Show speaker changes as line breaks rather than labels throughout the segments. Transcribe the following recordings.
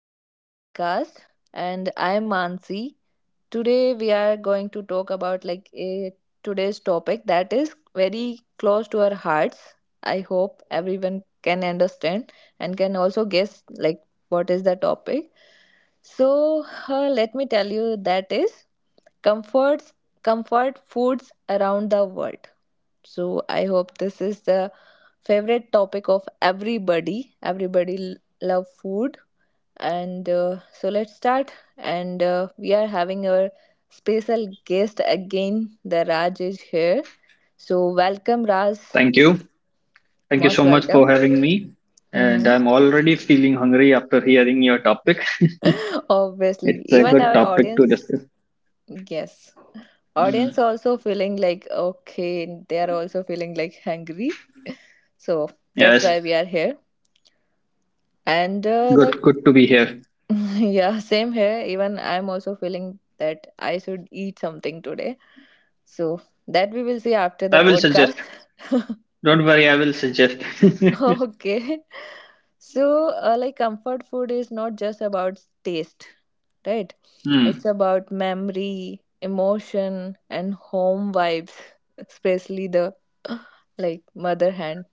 to our podcast. And I'm Ansi. Today we are going to talk about like a today's topic that is very close to our hearts. I hope everyone can understand and can also guess like what is the topic. So let me tell you that is comforts comfort foods around the world. So I hope this is the favorite topic of everybody. Everybody love food and so let's start, and we are having our special guest again, the Raj is here, so welcome, Raj.
Thank you. Thank you
Most
so much for
welcome.
having me. And
Hmm.
I'm already feeling hungry after hearing your topic.
Obviously,
It's a
even
good
our
topic to
audience.
discuss.
Yes, audience
Mm.
also feeling like okay, they are also feeling like hungry, so that's
Yes,
why we are here and the
good to be here.
yeah, same here. Even I'm also feeling that I should eat something today. So that we will see after the
I will
podcast.
suggest. Don't worry, I will suggest.
Okay. So, like, comfort food is not just about taste, right? It's
Hmm.
about memory, emotion, and home vibes, especially the like mother hand.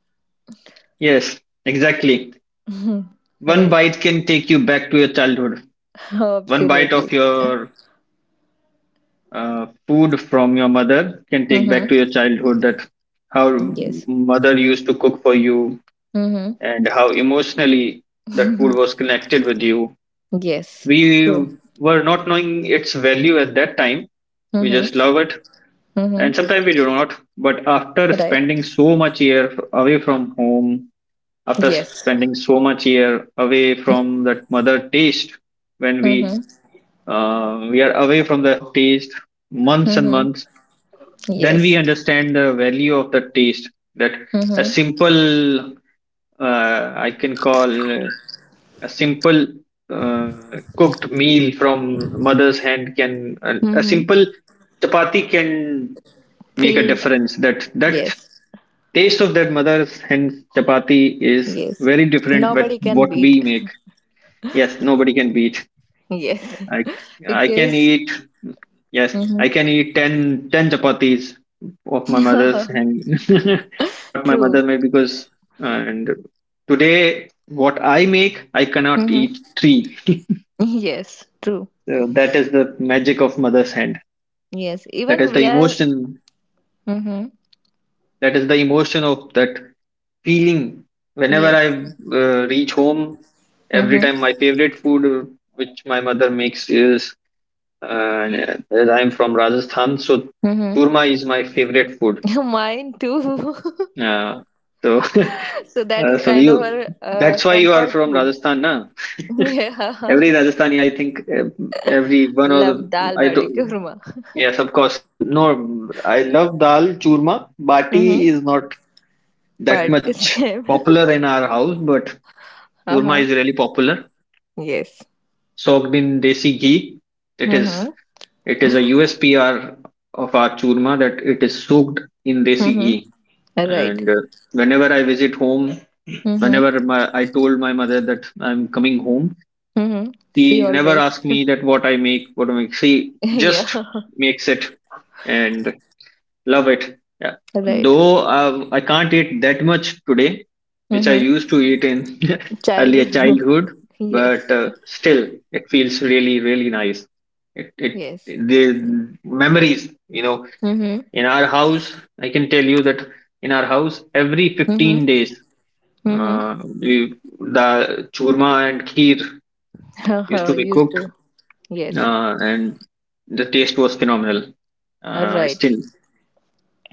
Yes, exactly. One
Right.
bite can take you back to your childhood. One bite
Absolutely.
of your food from your mother can take
Mm-hmm.
back to your childhood that how
Yes.
mother used to cook for you,
Mm-hmm.
and how emotionally that food was connected with you.
Yes.
We
True.
were not knowing its value at that time. We just
Mm-hmm.
love it,
Mm-hmm.
and sometimes we do not, but after
Right.
spending so much year away from home, after
Yes.
spending so much year away from that mother taste, when we
Mm-hmm.
uh, we are away from the taste months and
Mm-hmm.
months, then
Yes.
we understand the value of the taste. That a
Mm-hmm.
simple, uh, I can call a simple, cooked meal from mother's hand can, a
Mm-hmm.
simple chapati can make a
Feel.
difference. That
Yes.
taste of that mother's hand chapati is
Yes.
very different with
Nobody can
what
beat.
we make. Yes, nobody can beat.
Yes.
I I can
Because.
eat. Yes, I
Mm-hmm.
can eat ten chapatis of my mother's hand, what my
True.
mother made because and today what I make, I cannot eat
Mm-hmm.
three.
Yes. True.
So that is the magic of mother's hand.
Yes.
That
Even
is the
we are.
emotion.
Mm-hmm.
That is the emotion of that feeling. Whenever I
Yes.
reach home, every
Mm-hmm.
time my favorite food, which my mother makes is. As I'm from Rajasthan, so
Mm-hmm.
churma is my favorite food.
Mine too.
Uh, so,
So that is
so
kind of
you.
our
That's why you are
comfort
from
food.
Rajasthan, na?
Yeah.
Every Rajasthani, I think, every one of
Love
the.
dal
I
bati
do.
churma.
Yes, of course. No, I love dal churma.
Mm-hmm.
Bati is not that
But
much
same.
popular in our house, but churma
Uh-huh.
is really popular.
Yes.
Soaked in desi ghee. It is
Mm-hmm.
it is a USPR of our churma, that it is soaked in desi
Mm-hmm.
ghee.
Right.
And whenever I visit home,
Mm-hmm.
I told my mother that I'm coming home,
Mm-hmm. See
she never
always.
asked me that what I make, what I make. She
Yeah.
just makes it, and love it. Yeah.
Right.
Though I can't eat that much today, which I
Mm-hmm.
used to eat in earlier
Childhood.
childhood, but
Yes.
still it feels really, really nice. It, it,
Yes.
the memories,
Mm-hmm.
in our house, I can tell you that in our house, every
Mm-hmm.
15 days, the churma and kheer used to
Mm-hmm.
be
Used
cooked,
to. Yes.
and the taste was phenomenal. I
Right.
still.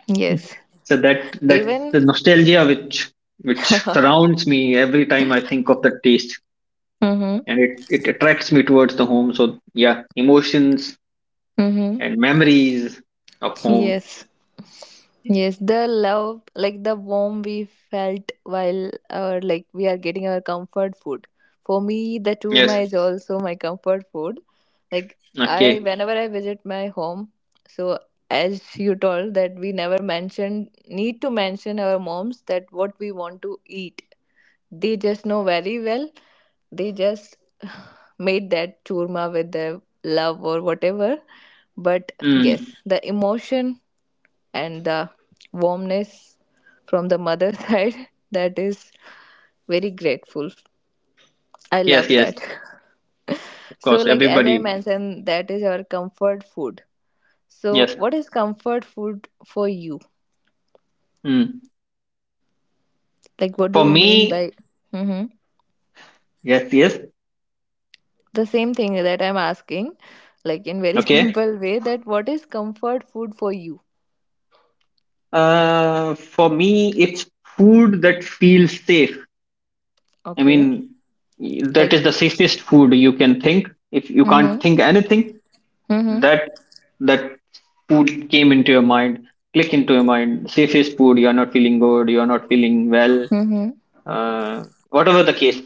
Yes.
So that's
Even.
the nostalgia, which which
Mm-hmm.
surrounds me every time I think of the taste, and it attracts me towards the home. So yeah, emotions
Mm-hmm.
and memories of home.
Yes. Yes, the love, like the warmth we felt while like we are getting our comfort food. For me, the
Yes.
churma is also my comfort food. Like I,
Okay.
whenever I visit my home, so as you told that we never mentioned need to mention our moms that what we want to eat. They just know very well. They just made that churma with their love or whatever. But
Mm.
yes, the emotion and the warmness from the mother side, that is very grateful. I love
Yes. Yes.
that.
Of
So
course.
like as I
Everybody.
mentioned, that is our comfort food. So
Yes.
what is comfort food for you,
Mm.
like what do
For
you mean by?
me.
Hmm.
Yes. Yes.
The same thing that I'm asking, like in very
Okay.
simple way, that what is comfort food for you?
For me, it's food that feels safe. I
Okay.
mean, that
Like
is the safest food you can think. If you can't
mm-hmm,
think anything,
mm-hmm,
that that food came into your mind, click into your mind, safest food. You are not feeling good, you are not feeling well,
mm-hmm.
uh, whatever the case,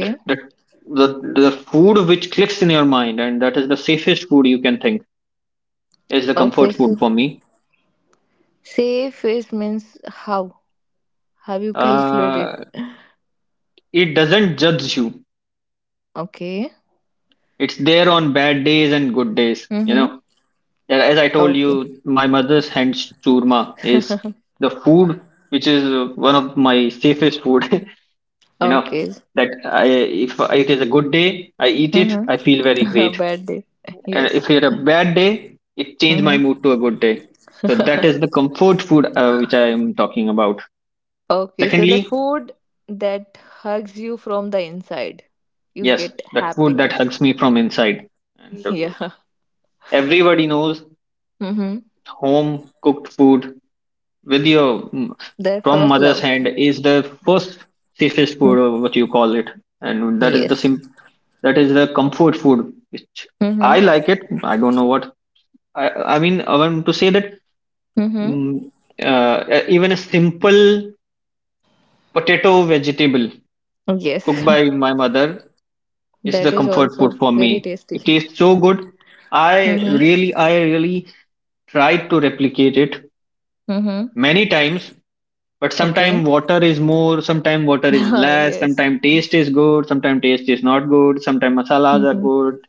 the, the, the, the food which clicks in your mind, and that is the safest food you can think, is the
Okay,
comfort
so
food for me
safe is means how have you calculated?
uh, it doesn't judge you.
Okay.
It's there on bad days and good days you
Mm-hmm.
know And as I told you,
Okay.
my mother's hands churma is the food which is one of my safest food. You know
Okay.
that if it is a good day, I eat it, I
Mm-hmm.
feel very great,
Bad day.
and
Yes.
if it a bad day, it changed my
Mm-hmm.
mood to a good day. So that is the comfort food, which I am talking about.
Okay. So the
Secondly,
food that hugs you from the inside, you
yes,
get
that food that
happiness.
hugs me from inside, and
Yeah.
everybody knows
Mm-hmm.
home cooked food with
Their
from
first
mother's
love.
hand is the first safest food,
Mm.
or what you call it, and that is the
Yes.
comfort food which I
Mm-hmm.
like it. I don't know what. I mean, I want to say that
Mm-hmm.
mm, even a simple potato vegetable
Yes.
cooked by my mother is the
That is
comfort food
also
for
very
me. It
tasty.
tastes so good.
Mm-hmm.
I really tried to replicate it
Mm-hmm.
many times, but
Okay.
sometimes water is more, sometimes water is
Ah
less,
yes.
sometimes taste is good, sometimes taste is not good, sometimes masalas are
Mm-hmm.
good,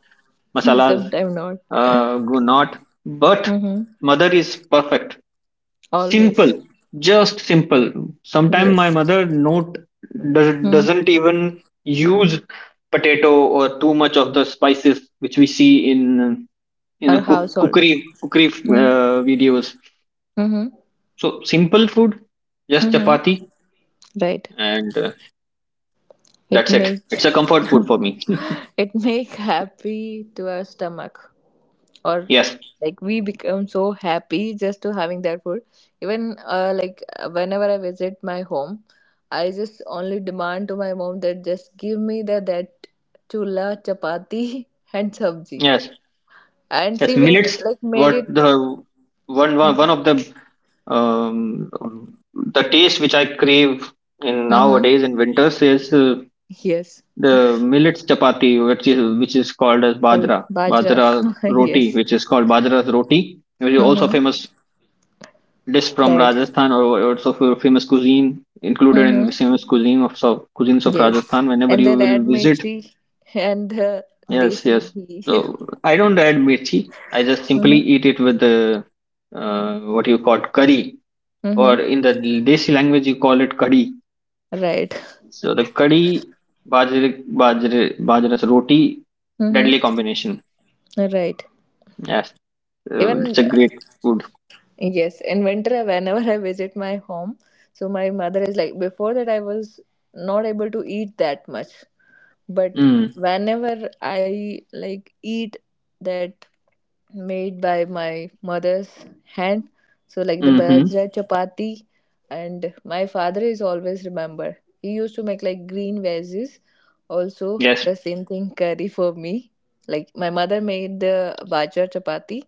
masalas
Sometime not.
go not. But
Mm-hmm.
mother is perfect.
Always.
Simple, just simple. Sometimes my
Yes.
mother not does,
Mm.
doesn't even use potato or too much of the spices which we see in uh, in
Our
a cook,
household.
cookery cookery
Mm-hmm.
uh, videos. So simple food, just
Mm-hmm.
chapati,
Right.
and uh,
It
that's it.
make
It's a comfort food for me.
it make happy to our stomach, or
Yes,
like we become so happy just to having that food. Even like whenever I visit my home, I just only demand to my mom that just give me the that chula chapati and sabji.
yes,
And
yes.
she
Millets.
like made it.
What the one one
Mm-hmm.
one of the, um, the taste which I crave in
Mm-hmm.
nowadays in winters is.
Yes,
The millets chapati, which is called as
called
bajra,
bajra.
bajra
Yes.
roti, which is called bajra's roti, which is also a
Mm-hmm.
famous dish from
Right.
Rajasthan, or also for famous cuisine, included in
Mm-hmm.
famous cuisine of cuisines of
Yes.
Rajasthan. Whenever
And the
you will
red
visit,
mirchi and
yes,
desi
yes. So
ghee.
I don't add mirchi. I just simply
Mm-hmm.
eat it with the what you call curry,
Mm-hmm.
or in the desi language you call it curry.
Right.
So the curry, bajra's roti,
Mm-hmm.
deadly combination.
Right.
Yes, it's
Even,
a great food.
yes, in winter, whenever I visit my home, so my mother is like, before that, I was not able to eat that much. But
Mm,
whenever I like eat that made by my mother's hand, so like the
mm-hmm.
bajra chapati, and my father is always remember, he used to make like green veggies, also
Yes,
the same thing curry for me. Like my mother made the bajra chapati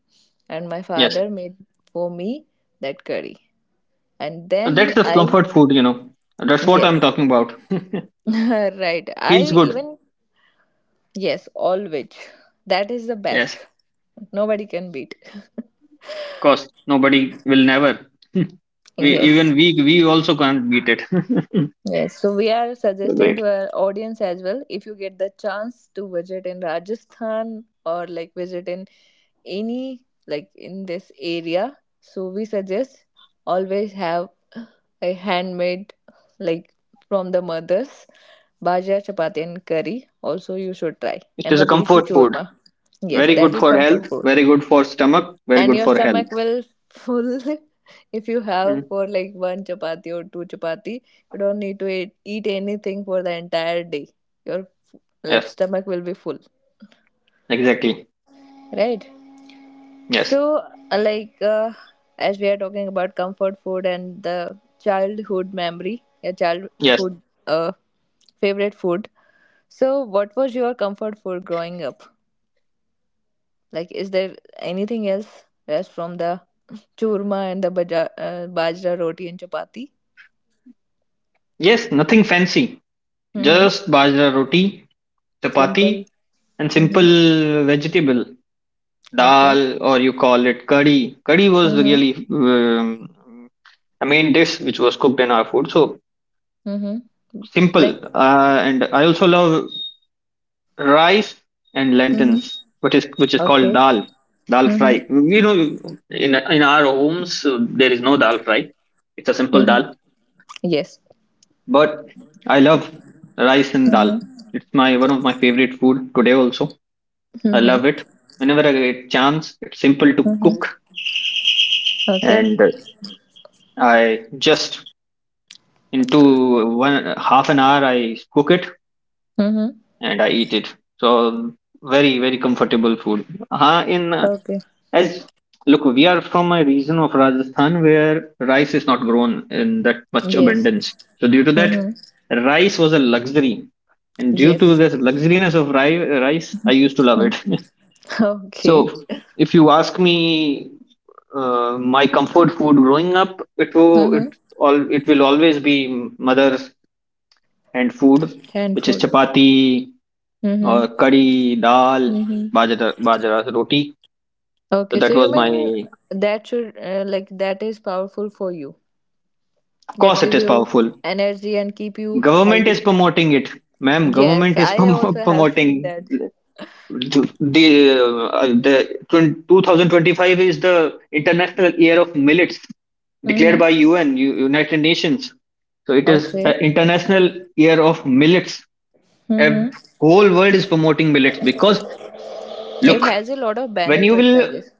and my
yes.
father made for me that curry, and
So that's
then
the
I,
comfort food. That's what I'm
yes,
talking about.
right. I
Feels good.
even, yes, all which. That is the best.
Yes,
Nobody can beat.
of course. Nobody will never. We
Yes.
even we also can't beat it.
Yes. So we are
So
suggesting
great.
to our audience as well, if you get the chance to visit in Rajasthan, or like visit in any like in this area, so we suggest always have a handmade, like from the mothers, bhajia, chapati and curry also you should try,
It
and
is
the
a
desi
comfort food.
churma. Yes,
Very
that
good
is
for
comfort
health.
food.
Very good for stomach. Very
And
good
your
for health.
stomach will full if you have
Mm.
for like one chapati or two chapati. You don't need to eat anything for the entire day. Your like
Yes,
stomach will be full,
exactly.
right?
Yes,
So like as we are talking about comfort food and the childhood memory, your
yes,
childhood uh, favorite food, so what was your comfort food growing up? Like is there anything else as from the churma and the bajra roti and chapati?
yes. Nothing fancy.
Mhm.
Just bajra roti,
Simple.
chapati, and
Mhm.
simple vegetable,
Okay.
dal, or you call it curry. Curry was
Mhm.
really a main dish which was cooked in our food. So
Mhm. Like.
simple. And I also love rice and
Mhm.
lentils, which is called
Okay.
dal, dal
Mhm.
fry. You know, in our homes, there is no dal fry. It's a simple
Mhm.
dal,
Yes.
but I love rice and dal.
Mhm.
It's my one of my favorite food today also. I love
Mhm.
it. Whenever I get chance, it's simple to
Mhm.
cook,
Okay.
and I just into one half an hour I cook it
Mhm.
and I eat it. So very very comfortable food, in
Okay.
as look, we are from a region of Rajasthan where rice is not grown in that much
Yes.
abundance, so due to that,
Mhm.
rice was a luxury, and due to
Yes.
this luxuriness of rice, I used to love it.
Mm. Okay.
So if you ask me, my comfort food growing up, it
Mhm.
all it will always be mother's and food, which is
Handful.
chapati, or
Mhm.
curry, dal,
Mhm.
bajra, bajra roti. So
Okay. So
that
you
was
mean
my.
that should like that is powerful for you.
Of
That
course, it
give
is
you
powerful.
energy and keep you
Government is
healthy.
promoting it, ma'am.
Yes,
Government is
I also have seen
promoting
that.
the, 2025 is the international year of millets, declared
Mm-hmm.
by UN, United Nations. So it is
Okay.
an international year of millets. A
Mm-hmm.
whole world is promoting millets, because
It
look,
has a lot of
when you
benefits,
will.
I guess.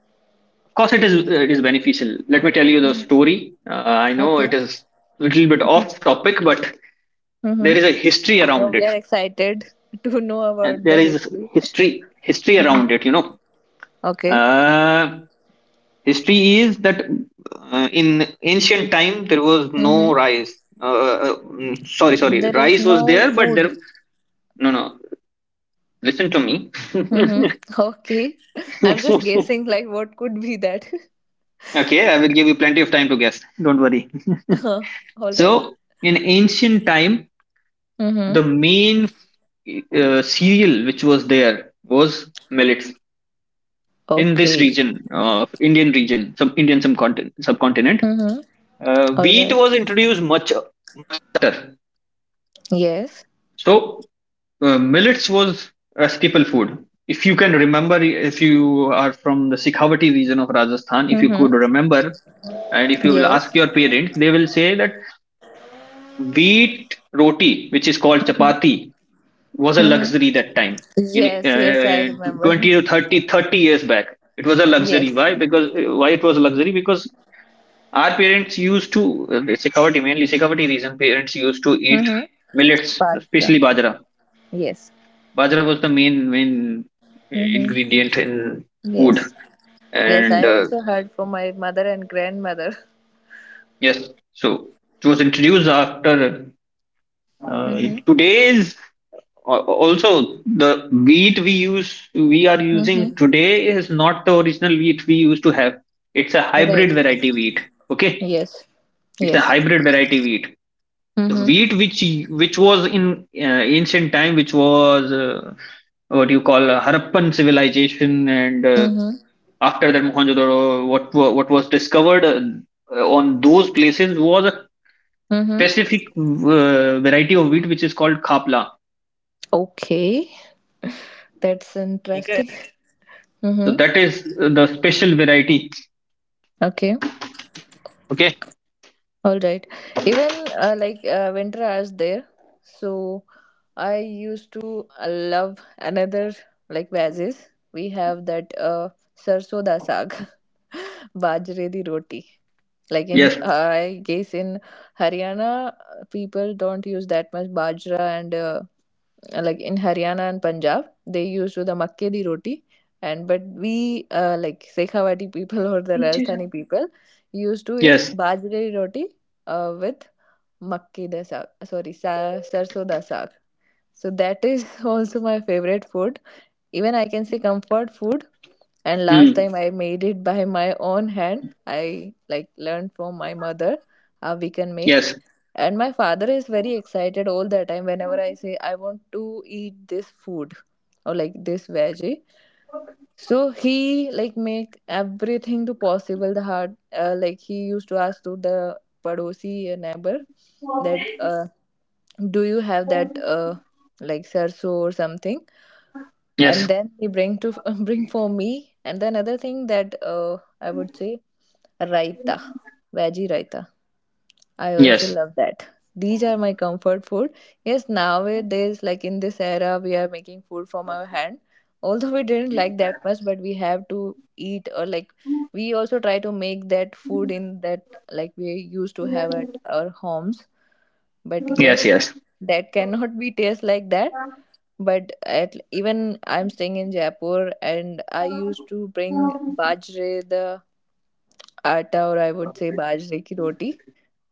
Of course, it is beneficial. Let me tell you the
Mm-hmm.
story. I know
Okay.
it is a little bit off topic, but
Mm-hmm.
there is a history
So
around
we
it.
are excited to know
And
about
there
the
is
history.
history around
Mm-hmm.
it. You know,
Okay.
uh, history is that in ancient time there was
Mm-hmm.
no rice. Uh, sorry,
There is
rice was
no
there, but
food.
there. No, no. Listen to me.
Mm-hmm. Okay. I'm just guessing, like, what could be that?
Okay, I will give you plenty of time to guess. Don't worry.
All right.
So in ancient time,
Mm-hmm.
the main cereal which was there was millets in this
Okay.
region of Indian region, some Indian subcontinent.
Mm-hmm.
Uh,
All
wheat
right.
was introduced much later.
Yes.
So millets was a staple food. If you can remember, if you are from the Sikhavati region of Rajasthan, if you could
Mm-hmm.
remember, and if you will
Yes.
ask your parents, they will say that wheat roti, which is called chapati, was a
Mm-hmm.
luxury that time in
Yes, yes, I
20
remember.
to 30 thirty years back. It was a luxury.
Yes.
Why? Because why it was a luxury, because our parents used to, security, mainly security reason, parents used to eat
Mm-hmm.
millets,
Pasta.
especially bajra.
Yes.
Bajra was the main
Mm-hmm.
ingredient in food,
Yes. Yes,
and
I also heard from my mother and grandmother.
yes, so it was introduced after, uh,
Mm-hmm.
today's Also, the wheat we use, we are
Mm-hmm.
using today, is not the original wheat we used to have. It's a hybrid
Right.
variety wheat. Okay,
Yes.
it's a
Yes.
hybrid variety wheat. The
Mm-hmm.
wheat which was in ancient time, which was what you call Harappan civilization, and
Mm-hmm.
after that Mohenjo-daro, what was discovered on those places, was a
Mm-hmm.
specific variety of wheat which is called khapla.
Okay. That's interesting.
So
Mm-hmm.
that is the special variety.
Okay.
Okay.
All right. Even like winter hours there. So I used to love another like veggies. We have that sarso da saag, bajre di roti. Like in
Yes,
I guess in Haryana, people don't use that much bajra, and like in Haryana and Punjab they use the makke di roti, and but we like Sekhawati people or the Rajasthani people used to eat
yes,
bajra di roti with makke da saag, sorry, sarso da saag. So that is also my favorite food, even I can say comfort food. And last
mm,
time I made it by my own hand, I like learned from my mother how we can make.
yes,
And my father is very excited all the time, whenever I say I want to eat this food or like this veggie, so he like make everything to possible, the hard like he used to ask to the padosi, neighbor, that do you have that like sarso or something, and
yes,
then he bring to bring for me. And then other thing that I would say raita, veggie raita, I also
yes,
love that. These are my comfort food. Yes, nowadays, like in this era, we are making food from our hand, although we didn't like that much, but we have to eat. Or like we also try to make that food in that like we used to have at our homes. But
yes,
yes,
yes.
that cannot be taste like that. But at even I'm staying in Jaipur, and I used to bring bajre the atta, or I would say bajre ki roti,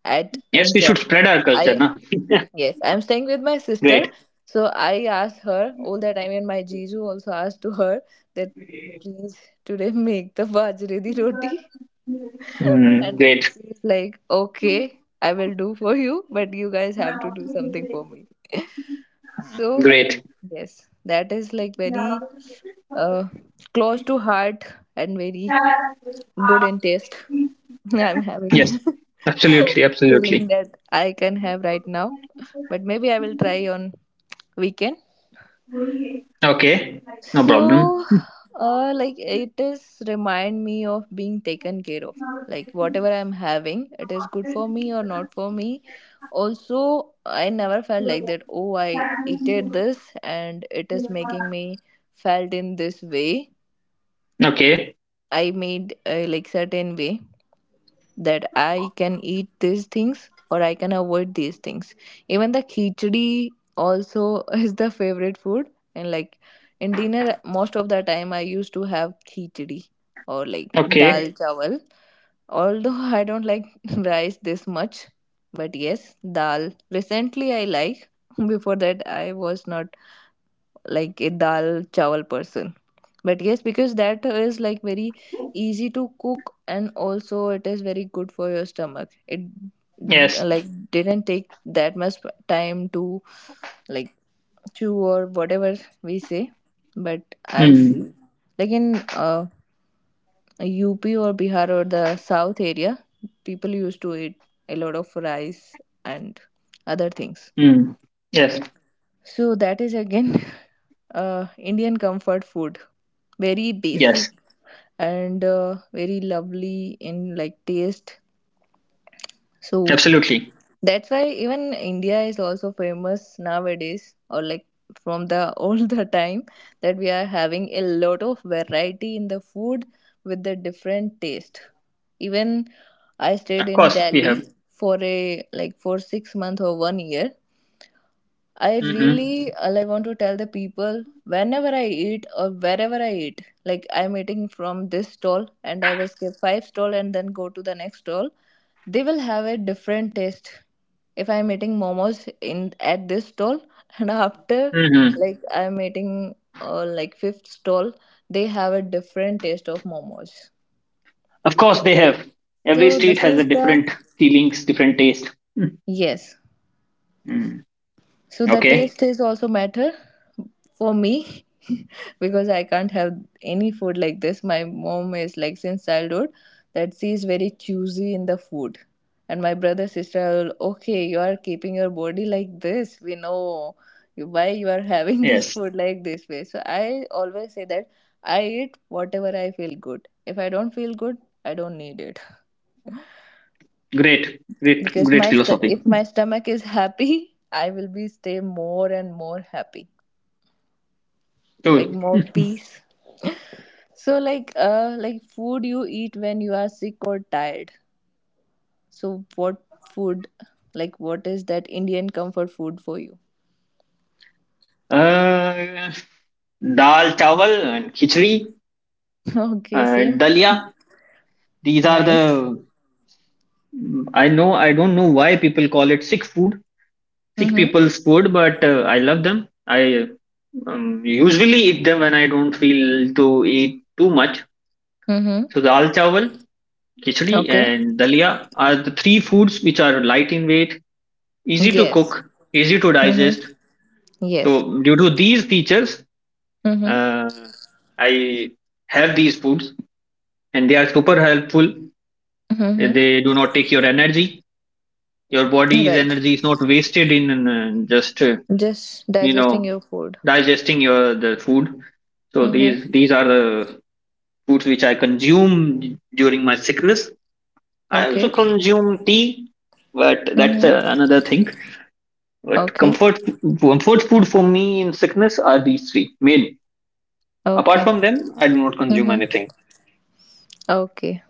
at
Yes,
in
we should
Jaipur.
spread our culture,
I,
na?
yes, I'm staying with my sister.
Great,
So I asked her all that time, and my Jiju also asked to her that please today make the bajre di roti, and
great,
she's like okay I will do for you, but you guys have to do something for me. So,
great.
yes, that is like very uh, close to heart and very good in taste. I'm having
Yes, absolutely,
feeling
absolutely.
that I can have right now, but maybe I will try on weekend.
Okay, no problem.
So, like it is remind me of being taken care of. Like whatever I'm having, it is good for me or not for me. Also, I never felt like that. Oh, I eated this and it is making me felt in this way.
Okay,
I made a like certain way that I can eat these things or I can avoid these things. Even the khichdi also is the favorite food. And like in dinner, most of the time I used to have khichdi or like dal
okay,
chawal. Although I don't like rice this much, but yes, dal. Recently I like. Before that, I was not like a dal chawal person, but yes, because that is like very easy to cook and also it is very good for your stomach. It
yes,
like didn't take that much time to like chew or whatever we say. But I see
mm,
like in UP or Bihar or the south area, people used to eat a lot of rice and other things.
mm, yes,
So that is again Indian comfort food, very
yes,
basic, and very lovely in like taste. So
absolutely.
that's why even India is also famous nowadays, or like from the all the time, that we are having a lot of variety in the food with the different taste. Even I stayed
Of
in
course, we
Delhi
have.
for a like for 6 months or 1 year. I
Mm-hmm,
really like want to tell the people, whenever I eat or wherever I eat, like I'm eating from this stall and I will skip five stall and then go to the next stall, they will have a different taste. If I'm eating momos in at this stall and after
mm-hmm.
like I'm eating like fifth stall, they have a different taste of momos.
Of course, they have. Every
So
street
this
has a
is the
different feelings, different taste. Mm,
yes.
mm.
So the
Okay,
taste is also matter for me because I can't have any food like this. My mom is like since childhood that she is very choosy in the food. And my brother sister are, all, okay, you are keeping your body like this. We know why you are having this
yes,
food like this way. So I always say that I eat whatever I feel good. If I don't feel good, I don't need it
great, great,
because
great philosophy.
if my stomach is happy, I will be stay more and more happy. Like
Cool.
more peace. So like food you eat when you are sick or tired. So what food, like what is that Indian comfort food for you?
Uh, Dal chawal and khichdi,
Okay, same.
dalia. These are
Nice.
the I know I don't know why people call it sick food, sick
Mm-hmm.
people's food, but I love them. I usually eat them when I don't feel to eat too much.
Mm-hmm.
So dal chawal, khichdi,
Okay.
and dalia are the three foods which are light in weight, easy to
Yes.
cook, easy to
Mm-hmm.
digest.
Yes.
So due to these features,
Mm-hmm.
uh, I have these foods. And they are super helpful.
Mm-hmm.
They do not take your energy. Your body's
Right.
energy is not wasted in just
Just
you
digesting
know
your food.
digesting your the food. So
Mm-hmm.
these are the foods which I consume during my sickness. I also
Okay.
consume tea, but that's
Mm-hmm.
another thing. But
Okay.
comfort food for me in sickness are these three main. Apart
Okay.
from them, I do not consume
Mm-hmm.
anything.
Okay.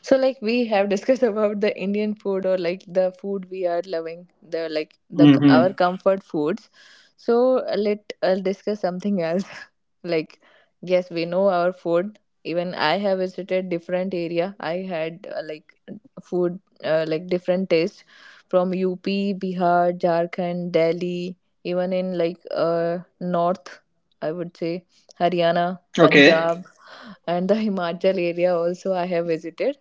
So like we have discussed about the Indian food, or like the food we are loving, the like the our
Mm-hmm.
comfort foods. So let us discuss something else. Like yes, we know our food. Even I have visited different area. I had like food like different taste from UP, Bihar, Jharkhand, Delhi, even in north, I would say Haryana,
Okay.
Punjab and the Himachal area also I have visited.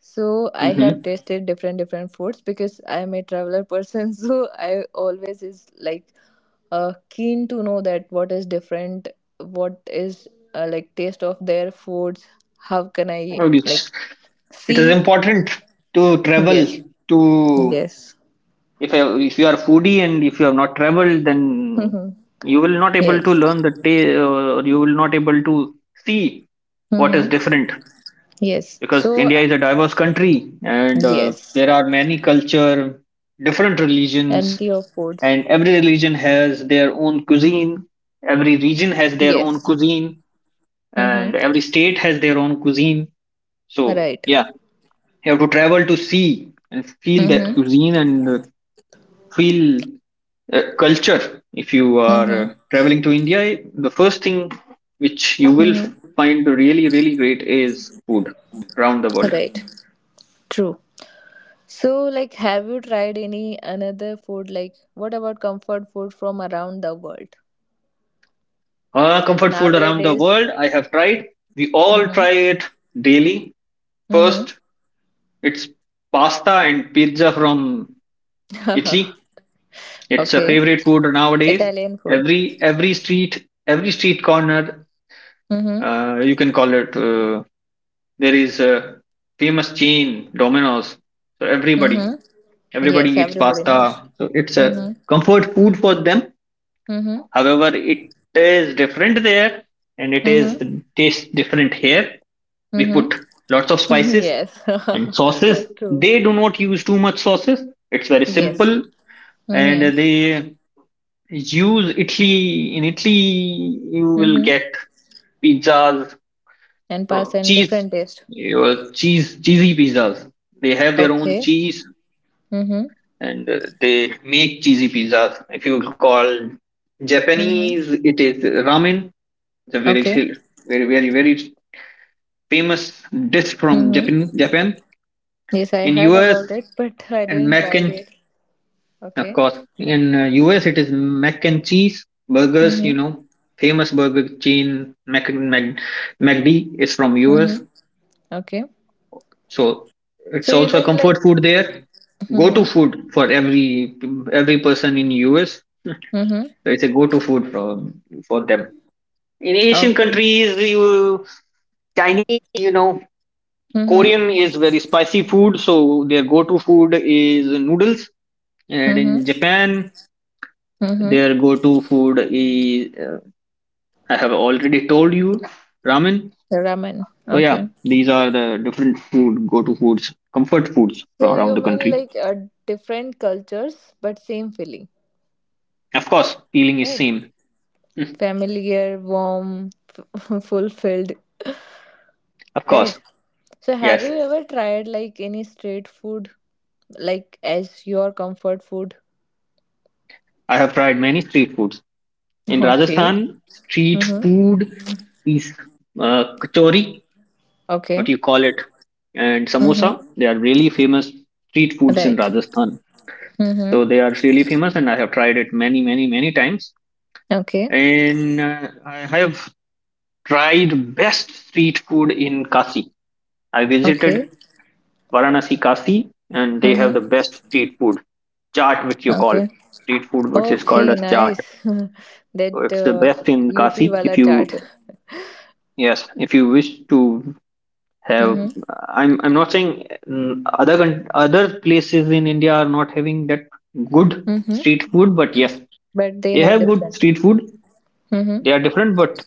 So I have tasted different different foods because I am a traveler person. So I always is like keen to know that what is different, what is like taste of their foods. How can I like
Mm-hmm. It is
see?
important to travel
Yes,
to
yes,
if if you are foodie and if you have not traveled, then
mhm.
you will not able to
Yes,
learn the or you will not able to see what
hmm,
is different,
yes.
because
So
India is a diverse country and
yes,
there are many culture, different
and variety of
religions,
foods.
and every religion has their own cuisine, every region has their
Yes.
own cuisine,
Mm-hmm.
and every state has their own cuisine. So
Right.
yeah, you have to travel to see and feel that
Mm-hmm.
cuisine and feel culture. If you are
Mm-hmm.
traveling to India, the first thing which you will
Mm-hmm.
find really, really great is food around the world.
Right. True. So, like, have you tried any another food? Like, what about comfort food from around the world? Like
Comfort food around the
nowadays.
world, I have tried. We all
Mm-hmm.
try it daily.
Mm-hmm.
First, it's pasta and pizza from Italy. It's a
Okay.
favorite food nowadays.
Italian food.
Every street, every street corner,
Mm-hmm.
you can call it there is a famous chain, Domino's. So everybody,
Mm-hmm.
everybody
Yes,
eats
everybody knows.
pasta. So it's a
Mm-hmm.
comfort food for them.
Mm-hmm.
However, it is different there, and it is
Mm-hmm.
tastes different here. We
Mm-hmm.
put lots of spices
Yes.
and sauces.
True.
They do not use too much sauces. It's very
Yes.
simple, and
Mm-hmm.
they use Italy. In Italy, you will
Mm-hmm.
get pizzas.
And
From
pasta and
cheese,
different taste.
your cheese, cheesy pizzas. They have their own
Okay.
cheese,
Mm-hmm.
and they make cheesy pizzas. If you call
Mm-hmm.
Japanese, it is ramen. It's a very,
Okay.
very, very, very famous dish from
Mm-hmm.
Japan. Japan
Yes, I
in
heard
US
about it, but I
and
didn't
mac
try
and
it.
of
Okay.
course in US it is mac and cheese burgers.
Mm-hmm.
You know, famous burger chain McD is from
Mm-hmm.
US.
Okay.
So it's
So you
also a
mean
comfort
like
food there. Go-to
mm-hmm.
food for every person in US. So
Mm-hmm.
it's a go-to food for them. In Asian
Okay.
countries, you Chinese, you know,
Mm-hmm.
Korean is very spicy food, so their go-to food is noodles. And
Mm-hmm.
in Japan,
Mm-hmm.
their go-to food is I have already told you, ramen.
Ramen.
So yeah,
Okay.
these are the different food go-to foods, comfort foods
So
from
you
around the
mean
country.
like different cultures but same feeling,
Of course, feeling is
right?
same.
Familiar, warm, fulfilled,
Of course,
right? So have
yes.
you ever tried like any street food like as your comfort food?
I have tried many street foods. In
Okay.
Rajasthan, street
Mm-hmm.
food is kachori, what
Okay.
you call it, and samosa.
Mm-hmm.
They are really famous street foods in
Right.
Rajasthan.
Mm-hmm.
So they are really famous, and I have tried it many, many, many times.
Okay.
And I have tried best street food in Kasi. I
Okay.
visited Varanasi Kasi, and they have
Mm-hmm.
the best street food, chaat, which you call
Okay.
street food, which is called
Okay.
as chaat.
Nice. That
So it's the best in
UP
Kasi.
wala
If
chart.
you Yes, if you wish to have,
Mm-hmm.
I'm not saying mm, other other places in India are not having that good
Mm-hmm.
street food, but yes,
But they
they
have
have good
different.
street food.
Mm-hmm.
They are different, but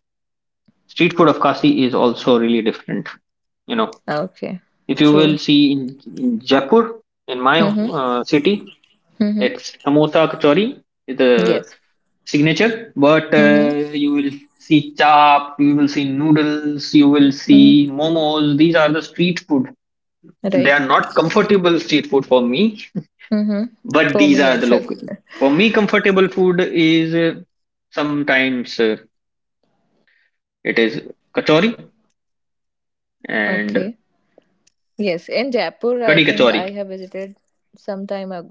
street food of Kasi is also really different. You know,
Okay.
if you will
True.
see in Jaipur, in my
Mm-hmm.
city,
Mm-hmm.
it's samosa kachori is the
Yes.
signature, but
Mm-hmm.
you will see chap, you will see noodles, you will
Mm-hmm.
see momos. These are the street food. They
Right.
are not comfortable street food for me,
Mm-hmm.
but
For
these
me
are the
as well.
local. For me, comfortable food is sometimes it is kachori
Okay.
and
Yes. In Jaipur, I think
kadi
I have
kachori.
visited some time ago.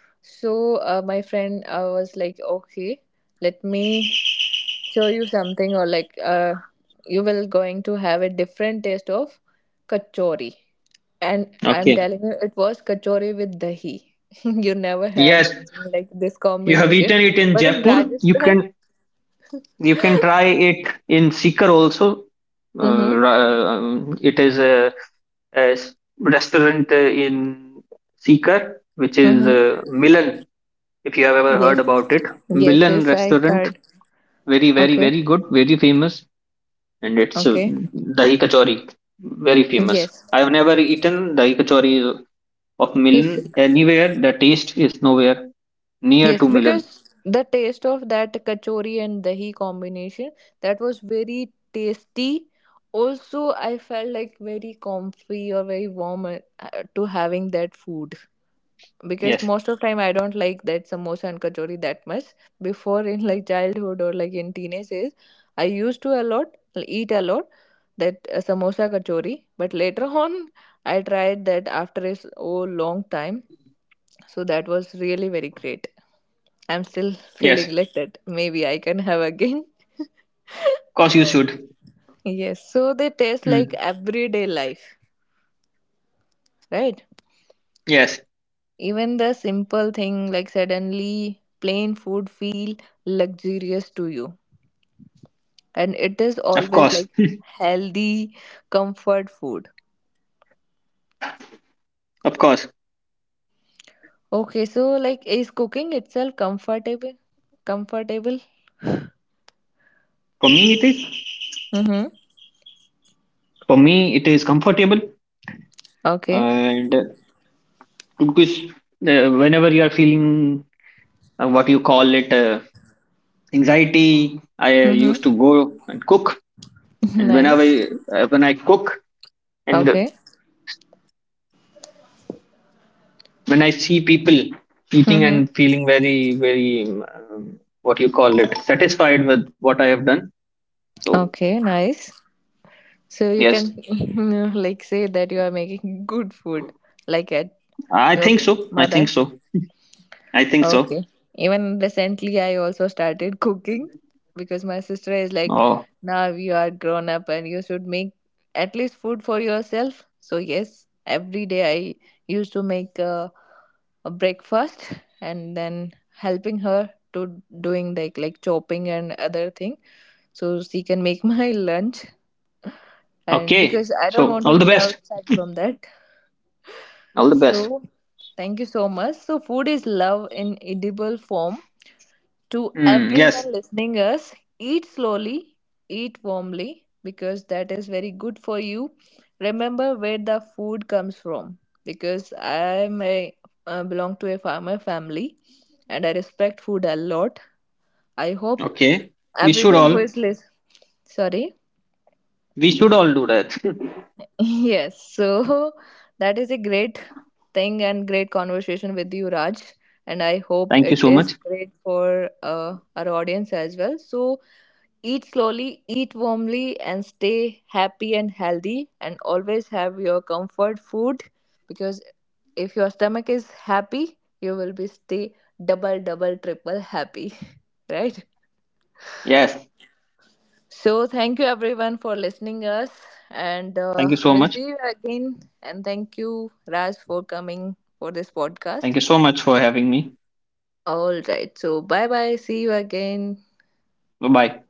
So my friend was like, okay, let me show you something, or like you will going to have a different taste of kachori. And I'm
Okay.
telling you, it was kachori with dahi. You never
Yes,
had like this
you have
combination,
eaten it in
but in
Jaipur.
Rajasthan.
You can try it in seeker also.
Mm-hmm,
It is a, a restaurant in seeker which is
mm-hmm.
milan, if you have ever heard
Yes,
about it.
yes,
Milan
yes, I
restaurant,
heard.
very, very,
Okay,
very good, very famous. And it's
okay,
dahi kachori, very famous.
yes.
I have never eaten dahi kachori of milan
Yes,
anywhere. The taste is nowhere near
yes,
to milan.
because the taste of that kachori and dahi combination, that was very tasty. Also, I felt like very comfy or very warm to having that food because
Yes,
most of time I don't like that samosa and kachori that much. Before in like childhood or like in teenage days, I used to a lot eat a lot that samosa kachori. But later on, I tried that after oh, long time, so that was really very great. I'm still
yes, of
feeling like that. Maybe I can have again.
course you should.
Yes, so they taste like
Mm.
everyday life, right?
Yes,
Even the simple thing, like suddenly plain food feel luxurious to you. And it is
of
always
course,
like healthy comfort food.
of course.
Okay, so like is cooking itself comfortable? Comfortable?
For me, it is.
Mm-hmm.
For me, it is comfortable,
Okay.
and because whenever you are feeling what you call it anxiety, I
Mm-hmm.
used to go and cook. And whenever
Nice.
when I cook and
Okay.
when I see people eating
Mm-hmm.
and feeling very very what you call it satisfied with what I have done, so
Okay, nice. So you
yes,
can like say that you are making good food like at
I
your
think so. I think
mother.
so. I think so.
Okay. Even recently, I also started cooking because my sister is like,
Oh,
now you are grown up and you should make at least food for yourself. So, yes, every day I used to make a breakfast and then helping her to doing like chopping and other thing so she can make my lunch, and
okay.
because I don't
So
want to
all the
eat
best.
outside from that.
All the best.
So, thank you so much. So, food is love in edible form. To
Mm, yes.
everyone listening us, eat slowly, eat warmly, because that is very good for you. Remember where the food comes from, because I am a belong to a farmer family, and I respect food a lot. I hope
Okay. We should
everyone who
all
is listening, sorry,
we should all do that.
yes, so that is a great thing and great conversation with you, Raj, and I hope
Thank you
it
so
is
much.
great for our audience as well. So eat slowly, eat warmly, and stay happy and healthy. And always have your comfort food because if your stomach is happy, you will be stay double, double, triple happy, right?
Yes.
So thank you everyone for listening us, and
Thank you so
we'll see
much.
you again. And thank you Raj for coming for this
Thank
podcast.
you so much for having me.
All right, so bye bye. See you again.
Bye bye.